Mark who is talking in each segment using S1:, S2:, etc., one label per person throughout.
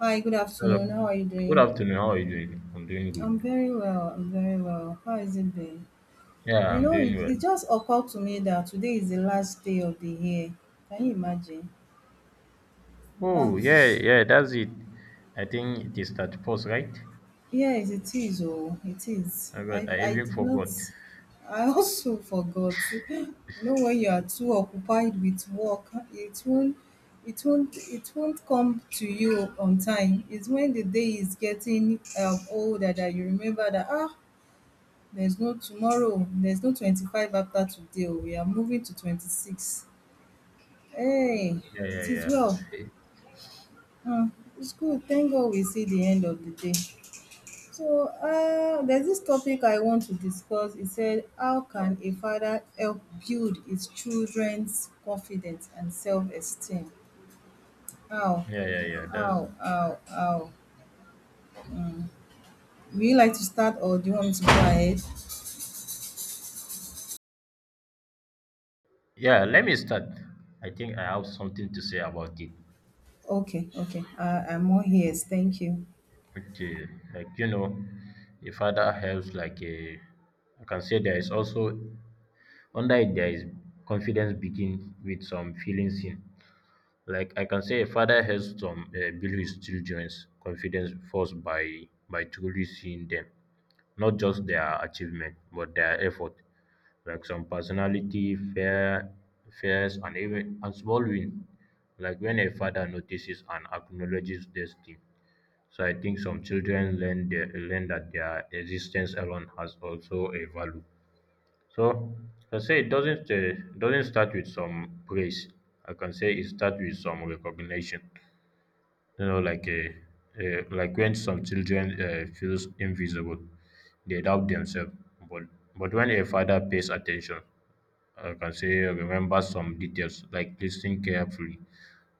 S1: Hi, good
S2: Hello.
S1: afternoon. How are you
S2: Good
S1: doing?
S2: afternoon. How are you doing? I'm doing
S1: I'm
S2: good.
S1: very well. I'm very well. How has it been?
S2: Yeah,
S1: You
S2: I'm
S1: know, it,
S2: doing well.
S1: it just occurred to me that today is the last day of the year. Can you imagine? Um,
S2: Oh, yeah, yeah, that's it. I think it is that post, right?
S1: yes, it is. Oh, it is. I,
S2: I
S1: I
S2: even
S1: did not,
S2: forgot.
S1: I also forgot. You know, when you are too occupied with work, it won't come to you on time. It's when the day is getting older that you remember that, ah, there's no tomorrow, there's no 25 after today o. We are moving to 26. Hey,
S2: Yeah, yeah,
S1: it is
S2: yeah.
S1: well. Um, it's good. Thank God we see the end of the day. So, there's this topic I want to discuss. It said, how can a father help build his children's confidence and self esteem? How?
S2: Yeah, yeah, yeah. That's it.
S1: How? How? Would you like to start or do you want me to go ahead?
S2: Yeah, let me start. I think I have something to say about it.
S1: Okay, okay. I'm all ears. Thank you.
S2: Okay, like you know, a father helps like a I can say there is also under it there is confidence begin with some feelings in like I can say a father helps some build his children's confidence first by truly seeing them not just their achievement but their effort like some personality fairs and even and small win like when a father notices and acknowledges this thing so I think some children learn that their existence alone has also a value so I say it doesn't start with some praise. I can say it starts with some recognition. You know, like a, like when some children feels invisible, they doubt themselves. But but when a father pays attention, I can say remember some details like listening carefully.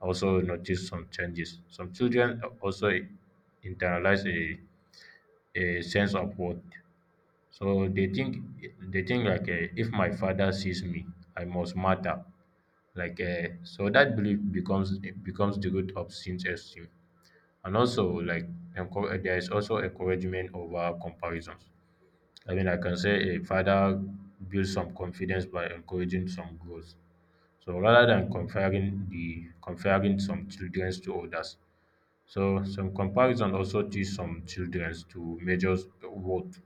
S2: Also notice some changes. Some children also internalize a sense of worth so they think like if my father sees me, I must matter. Like so that belief becomes the root of sin's esteem, and also like there is also encouragement over comparisons. I mean, I can say a father builds some confidence by encouraging some growth. So rather than comparing some children to others, so some comparison also teach some children to measure worth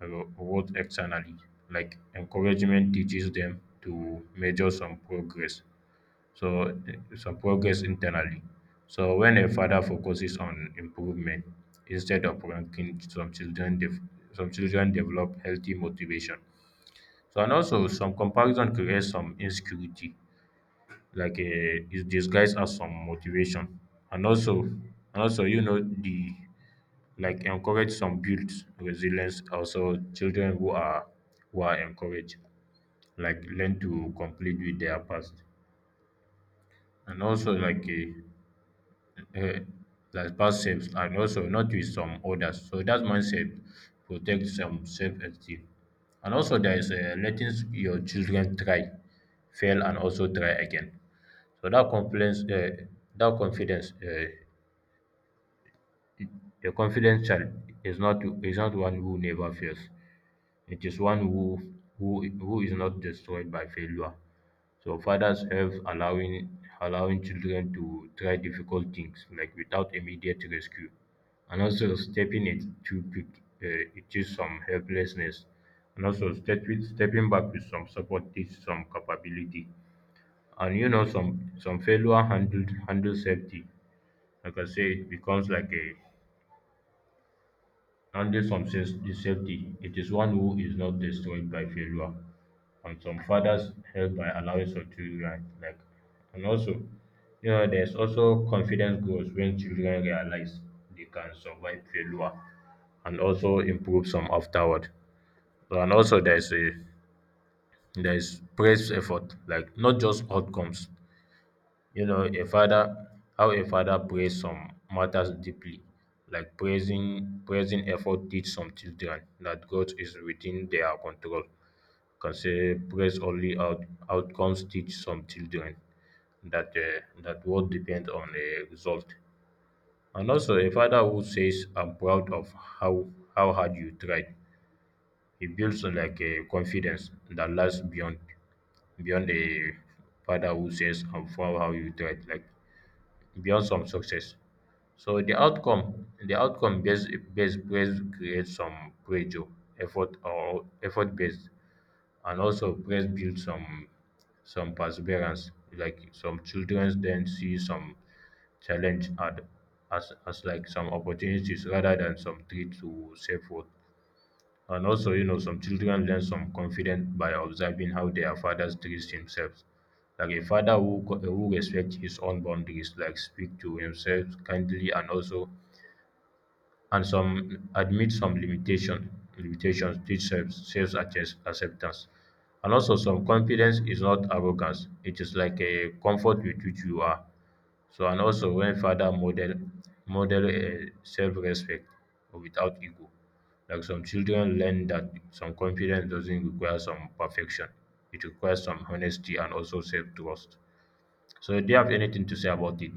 S2: roles externally. Like encouragement teaches them to measure some progress, so some progress internally. So when a father focuses on improvement instead of ranking, some children develop healthy motivation. So and also some comparison creates some insecurity, like it's disguised as some motivation, and also you know the like encourage some builds resilience also children who are encouraged like learn to complete with their past and also like a like past selves and also not with some others so that mindset protects some self-esteem and also there is a your children try fail and also try again so that confidence A confident child is not is not one who never fails. It is one who who is not destroyed by failure. So fathers help allowing children to try difficult things like without immediate rescue, and also stepping it too quick. It is some helplessness, and also step, stepping back with some support teaches some capability, and you know some failure handled handle safety. Like I say, it becomes like a Handle some says is safety. It is one who is not destroyed by failure. And some fathers help by allowing some children like and also you know there's also confidence grows when children realize they can survive failure and also improve some afterward. And also there's praise effort, like not just outcomes. You know, a father, how a father prays some matters deeply, like praising effort teach some children that God is within their control. Can say outcomes teach some children that that what depends on a result. And also, a father who says, "I'm proud of how hard you tried," he builds like a confidence that lasts beyond a father who says, "I'm proud how you tried." Like beyond some success. So the outcome based praise creates some pressure, effort or effort based, and also praise builds some perseverance. Like some children then see some challenge ad, as like some opportunities rather than some threat to self worth. And also, you know, some children learn some confidence by observing how their fathers treat themselves. Like a father who respects his own boundaries, like speak to himself kindly and also and some admit some limitations teach self self acceptance and also some confidence is not arrogance it is like a comfort with which you are so and also when father model self respect without ego like some children learn that some confidence doesn't require some perfection it requires some honesty and also self trust so do you have anything to say about it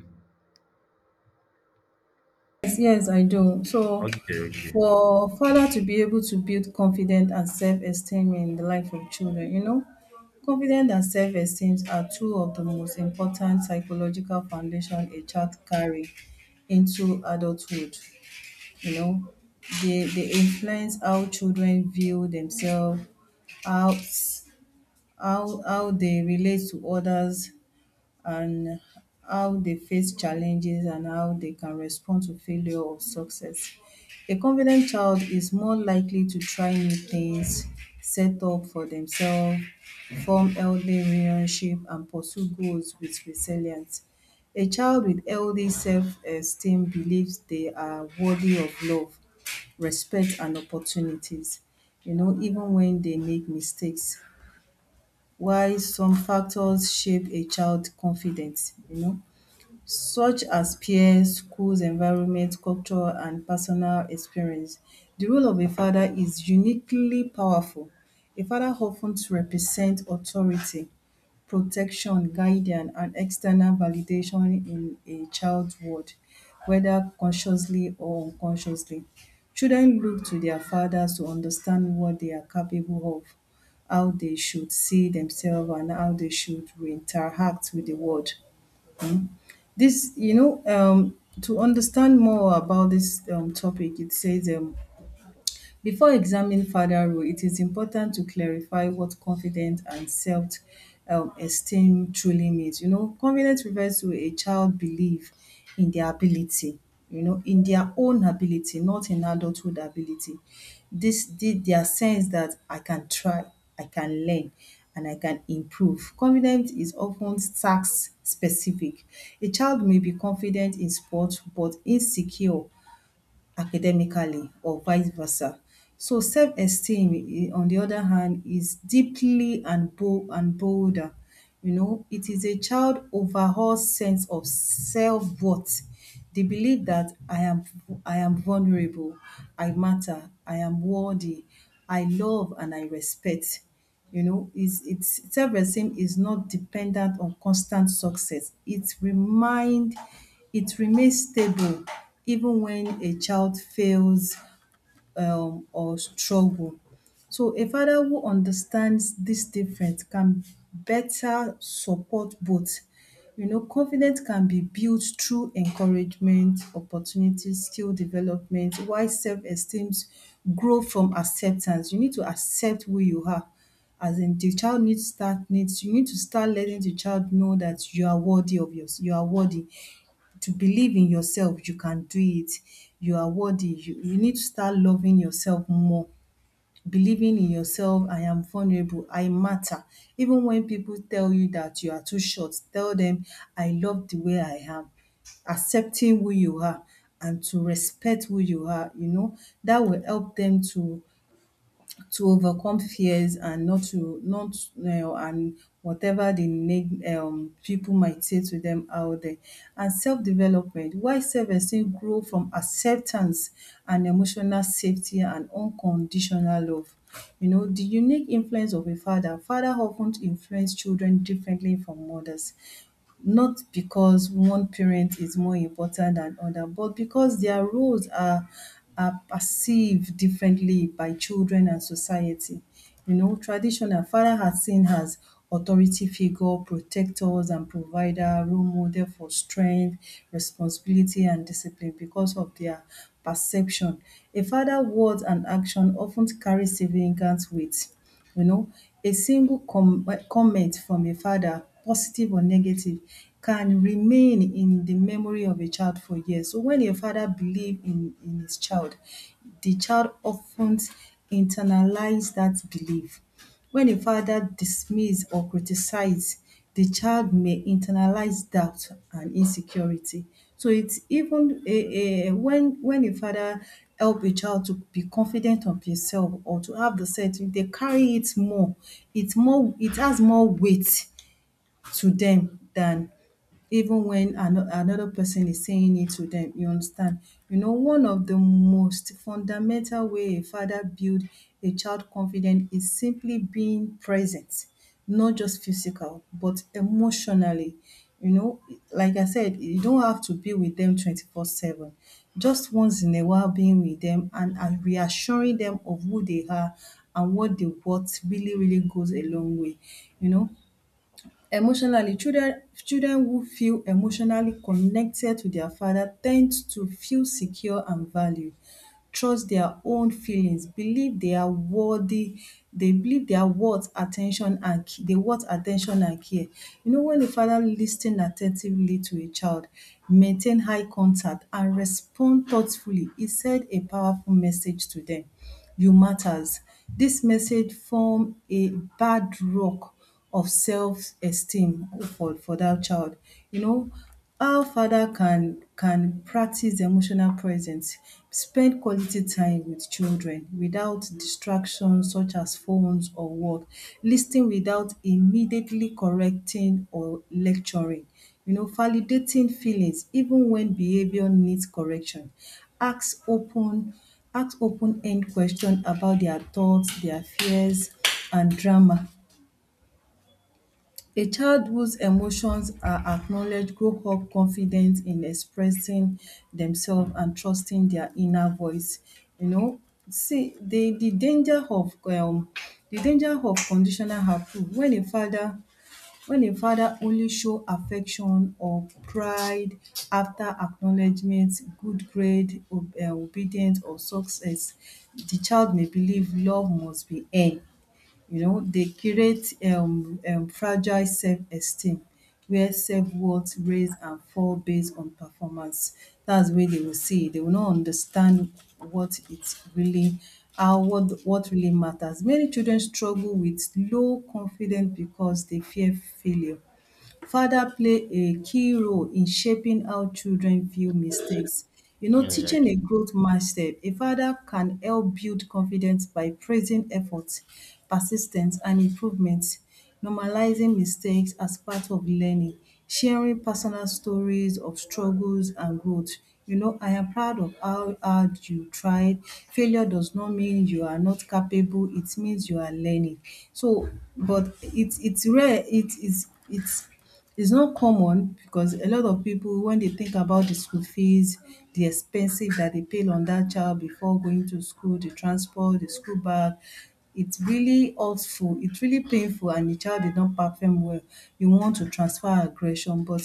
S1: Yes, yes, I do. So,
S2: okay okay
S1: for father to be able to build confidence and self-esteem in the life of children, you know. Confidence and self-esteem are two of the most important psychological foundation a child carry into adulthood, you know. They influence how children view themselves, how how they relate to others, and how they face challenges and how they can respond to failure or success. A confident child is more likely to try new things, set up for themselves, form healthy relationship and pursue goals with resilience. A child with healthy self-esteem believes they are worthy of love, respect and opportunities, you know, even when they make mistakes. Why some factors shape a child's confidence, you know, such as peers, schools environment, culture and personal experience. The role of a father is uniquely powerful. A father often represents authority, protection, guidance and external validation in a child's world whether consciously or unconsciously. Children look to their fathers to understand what they are capable of, how they should see themselves and how they should interact with the world. This, you know, to understand more about this topic, it says, before examining further role, it is important to clarify what confident and self esteem truly means. You know, confidence refers to a child belief in their ability, you know, in their own ability, not in adulthood ability. This did their sense that I can try, I can learn and I can improve. Confidence is often task specific. A child may be confident in sports but insecure academically or vice versa. So self-esteem, eh, on the other hand, is deeply and bo and bolder. You know, it is a child overall sense of self-worth. The belief that I am vulnerable, I matter, I am worthy, I love and I respect. You know, is it's self-esteem is not dependent on constant success. It remains stable even when a child fails or struggle. So a father who understands this difference can better support both. You know, confidence can be built through encouragement, opportunity, skill development, while self-esteem grow from acceptance. You need to accept who you are. As in the child needs start needs you need to start letting the child know that you are worthy of yours, you are worthy to believe in yourself, you can do it, you are worthy, you need to start loving yourself more, believing in yourself, I am vulnerable, I matter. Even when people tell you that you are too short, tell them I love the way I am, accepting who you are and to respect who you are, you know, that will help them to overcome fears and not and whatever the neg people might say to them out there. And self-development, why self-esteem grow from acceptance and emotional safety and unconditional love. You know, the unique influence of a father. Father often influence children differently from mothers not because one parent is more important than other, but because their roles are perceived differently by children and society. You know, traditional, father are seen as authority figure, protectors and provider, role model for strength, responsibility and discipline because of their perception. A father words and action often carry significant weight, you know. A single comment from a father, positive or negative, can remain in the memory of a child for years. So when a father believe in his child, the child of ten internalize dat belief. When a father dismiss or criticize, the child may internalize doubt and insecurity. So it's even a when a father help a child to be confident of himself or to have the self, if they carry it more, it's more, it has more weight to them than even when another person is saying it to them. You understand? You know, one of the most fundamental way a father build a child confident is simply being present, not just physical, but emotionally. You know, like I said, you don't have to be with them 24 7. Just once in a while, being with them and, reassuring them of who they are and what they want really, really goes a long way. You know, emotionally, children who feel emotionally connected to their father tend to feel secure and valued, trust their own feelings, believe they are worthy, they believe they are worth attention and ca- they worth attention and care. You know, when a father lis attentively to a child, maintain high contact and respond thoughtfully, e said a powerful message to them: you matters. This message form a bad rock of self-esteem for that child. You know, how father can practice emotional presence, spend quality time with children without distractions such as phones or work, lis ten without immediately correcting or lecturing, you know, validating feelings even when behaviour needs correction, ask open ask open end question about their thoughts, their fears and drama. A child whose emotions are acknowledged grows up confident in expressing themselves and trusting their inner voice. You know, see the danger of the danger of conditional approval. When a father only show affection or pride after acknowledgement, good grade, obedience or success, the child may believe love must be earned, you know, they create fragile self-esteem where self-worth raise and fall based on performance. That's where they will see. They will not understand what it's really, how what really matters. Many children struggle with low confidence because they fear failure. Father play a key role in shaping how children view mistakes. You know,
S2: yeah yeah
S1: teaching a growth mindset, a father can help build confidence by praising effort, persistence, and improvement, normalizing mistakes as part of learning, sharing personal stories of struggles and growth. You know, I am proud of how hard you tried. Failure does not mean you are not capable, it means you are learning. So, but it's rare, it is it's not common because a lot of people when they think about the school fees, the expenses that they pay on that child before going to school, the transport, the school bag, it's really hurtful, it's really painful and the child did not perform well, you want to transfer aggression but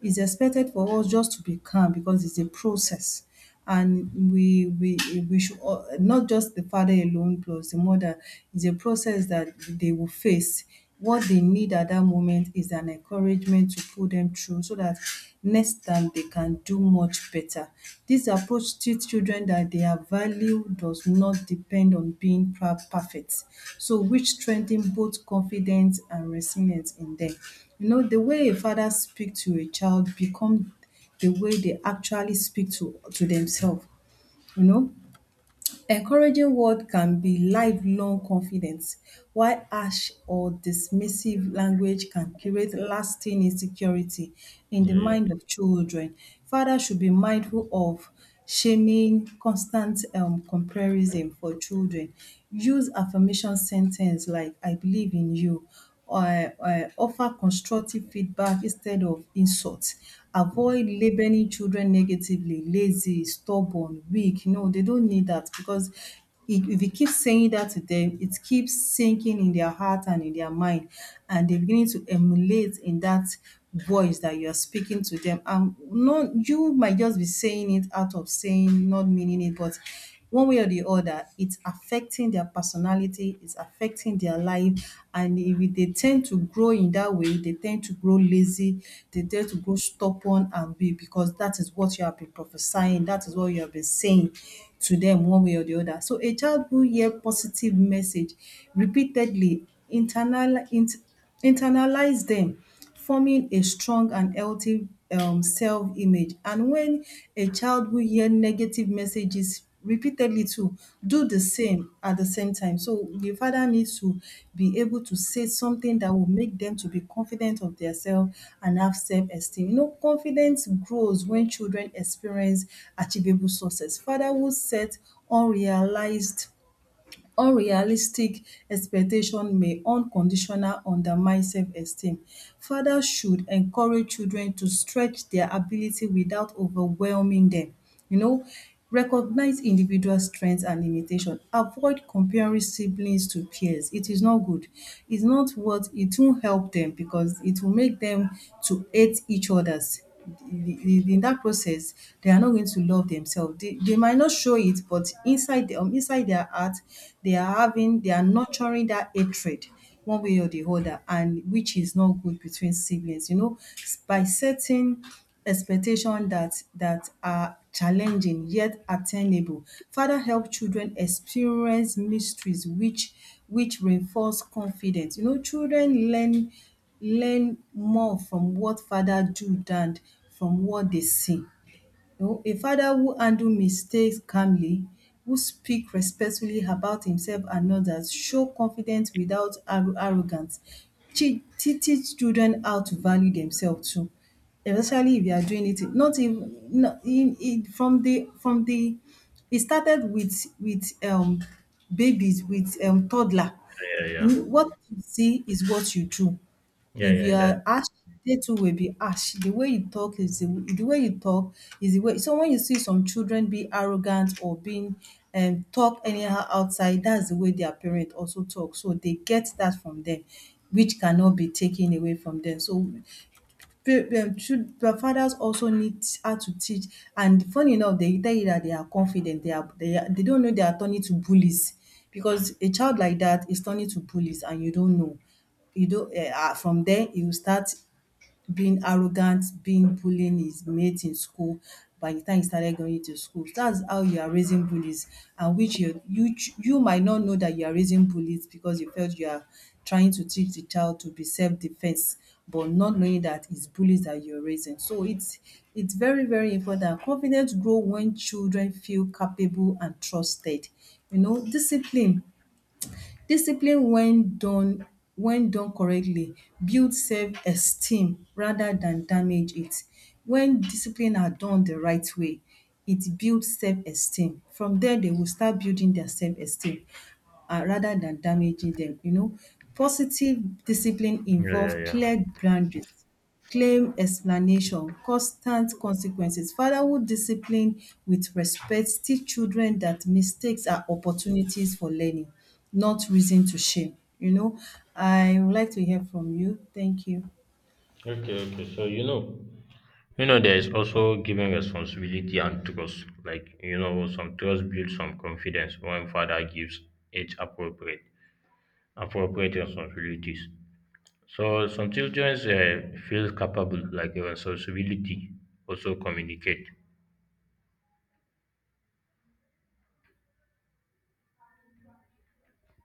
S1: it's expected for us just to be calm because it's a process and we not just the father alone plus the mother, it's a process that they will face. What they need at that moment is an encouragement to pull them through so that next time they can do much better. This approach teach children that their value does not depend on being perfect. So which strengthen both confidence and resilience in them. You know, the way a father speak to a child become the way they actually speak to themselves, you know. Encouraging word can be lifelong confidence, while harsh or dismissive language can create lasting insecurity in the
S2: yeah yeah yeah yeah
S1: mind of children. Fathers should be mindful of shaming, constant comparison for children. Use affirmation sen like I believe in you, offer constructive feedback instead of insults. Avoid labelling children negatively, lazy, stubborn, weak. No, they don't need that because if you keep saying that to them, it keeps sinking in their heart and in their mind and they're beginning to emulate in that voice that you are speaking to them. And no, you might just be saying it out of saying, not meaning it, but one way or the other, it's affecting their personality, it's affecting their life. And if they tend to grow in that way, they tend to grow lazy, they tend to grow stubborn and be because that is what you have been prophesying, that is what you have been saying to them one way or the other. So a child who hear positive message repeatedly internalize them forming a strong and healthy self-image. And when a child will hear negative messages repeatedly to do the same at the same time. So the father needs to be able to say something that will make them to be confident of their self and have self-esteem. You know, confidence grows when children experience achievable success. Fatherhood set unrealized unrealistic expectation may unconditional undermine self-esteem. Fathers should encourage children to stretch their ability without overwhelming them. You know, recognize individual strengths and limitation. Avoid comparing siblings to peers. It is not good. It's not what it won't help them because it will make them to hate each others in that process, they are not going to love themselves. They might not show it, but inside inside their heart, they are nurturing that hatred one way or the other, and which is not good between siblings. You know, by setting expectation that are challenging yet attainable, father help children experience mysteries which reinforce confidence. You know, children learn more from what father do than from what they see. You know, a father who handle mistakes calmly, who speak respectfully about himself and others, show confidence without arrogance, teach children how to value themselves too, especially if you are doing it not even not in from the it started with babies, with toddler.
S2: yeah
S1: You what you see is what you do.
S2: yeah
S1: If
S2: yeah
S1: you
S2: yeah,
S1: are
S2: that
S1: harsh, they too will be harsh. The way you talk is the way you talk the way so when you see some children being arrogant or being talk anyhow outside, that's the way their parent also talk. So they get that from them, which cannot be taken away from them. So should the fathers also need how to teach. And funny enough they tell you that they are confident, they don't know they are turning to bullies because a child like that is turning to bullies and you don't know. You don't eh ah From there he will start being arrogant, being bullying his mates in school by the time he started going to school. That's how you are raising bullies and which you might not know that you are raising bullies because you felt you are trying to teach the child to be self-defense, but not knowing that it's bullies that you're raising. So it's very, very important. Confidence grow when children feel capable and trusted. You know, Discipline when done correctly builds self-esteem rather than damage it. When discipline are done the right way, it builds self-esteem. From there, they will start building their self-esteem rather than damaging them. You know, positive discipline
S2: Yeah, yeah,
S1: involve
S2: yeah.
S1: clear boundaries, claim explanation, constant consequences. Fatherhood discipline with respect teach children that mistakes are opportunities for learning, not reason to shame. You know, I would like to hear from you. Thank you.
S2: Okay, okay. So you know, You know, there is also giving responsibility and trust. Like, you know, some trust builds some confidence when father gives each appropriate responsibilities. So some children feel capable, like a responsibility, also communicate.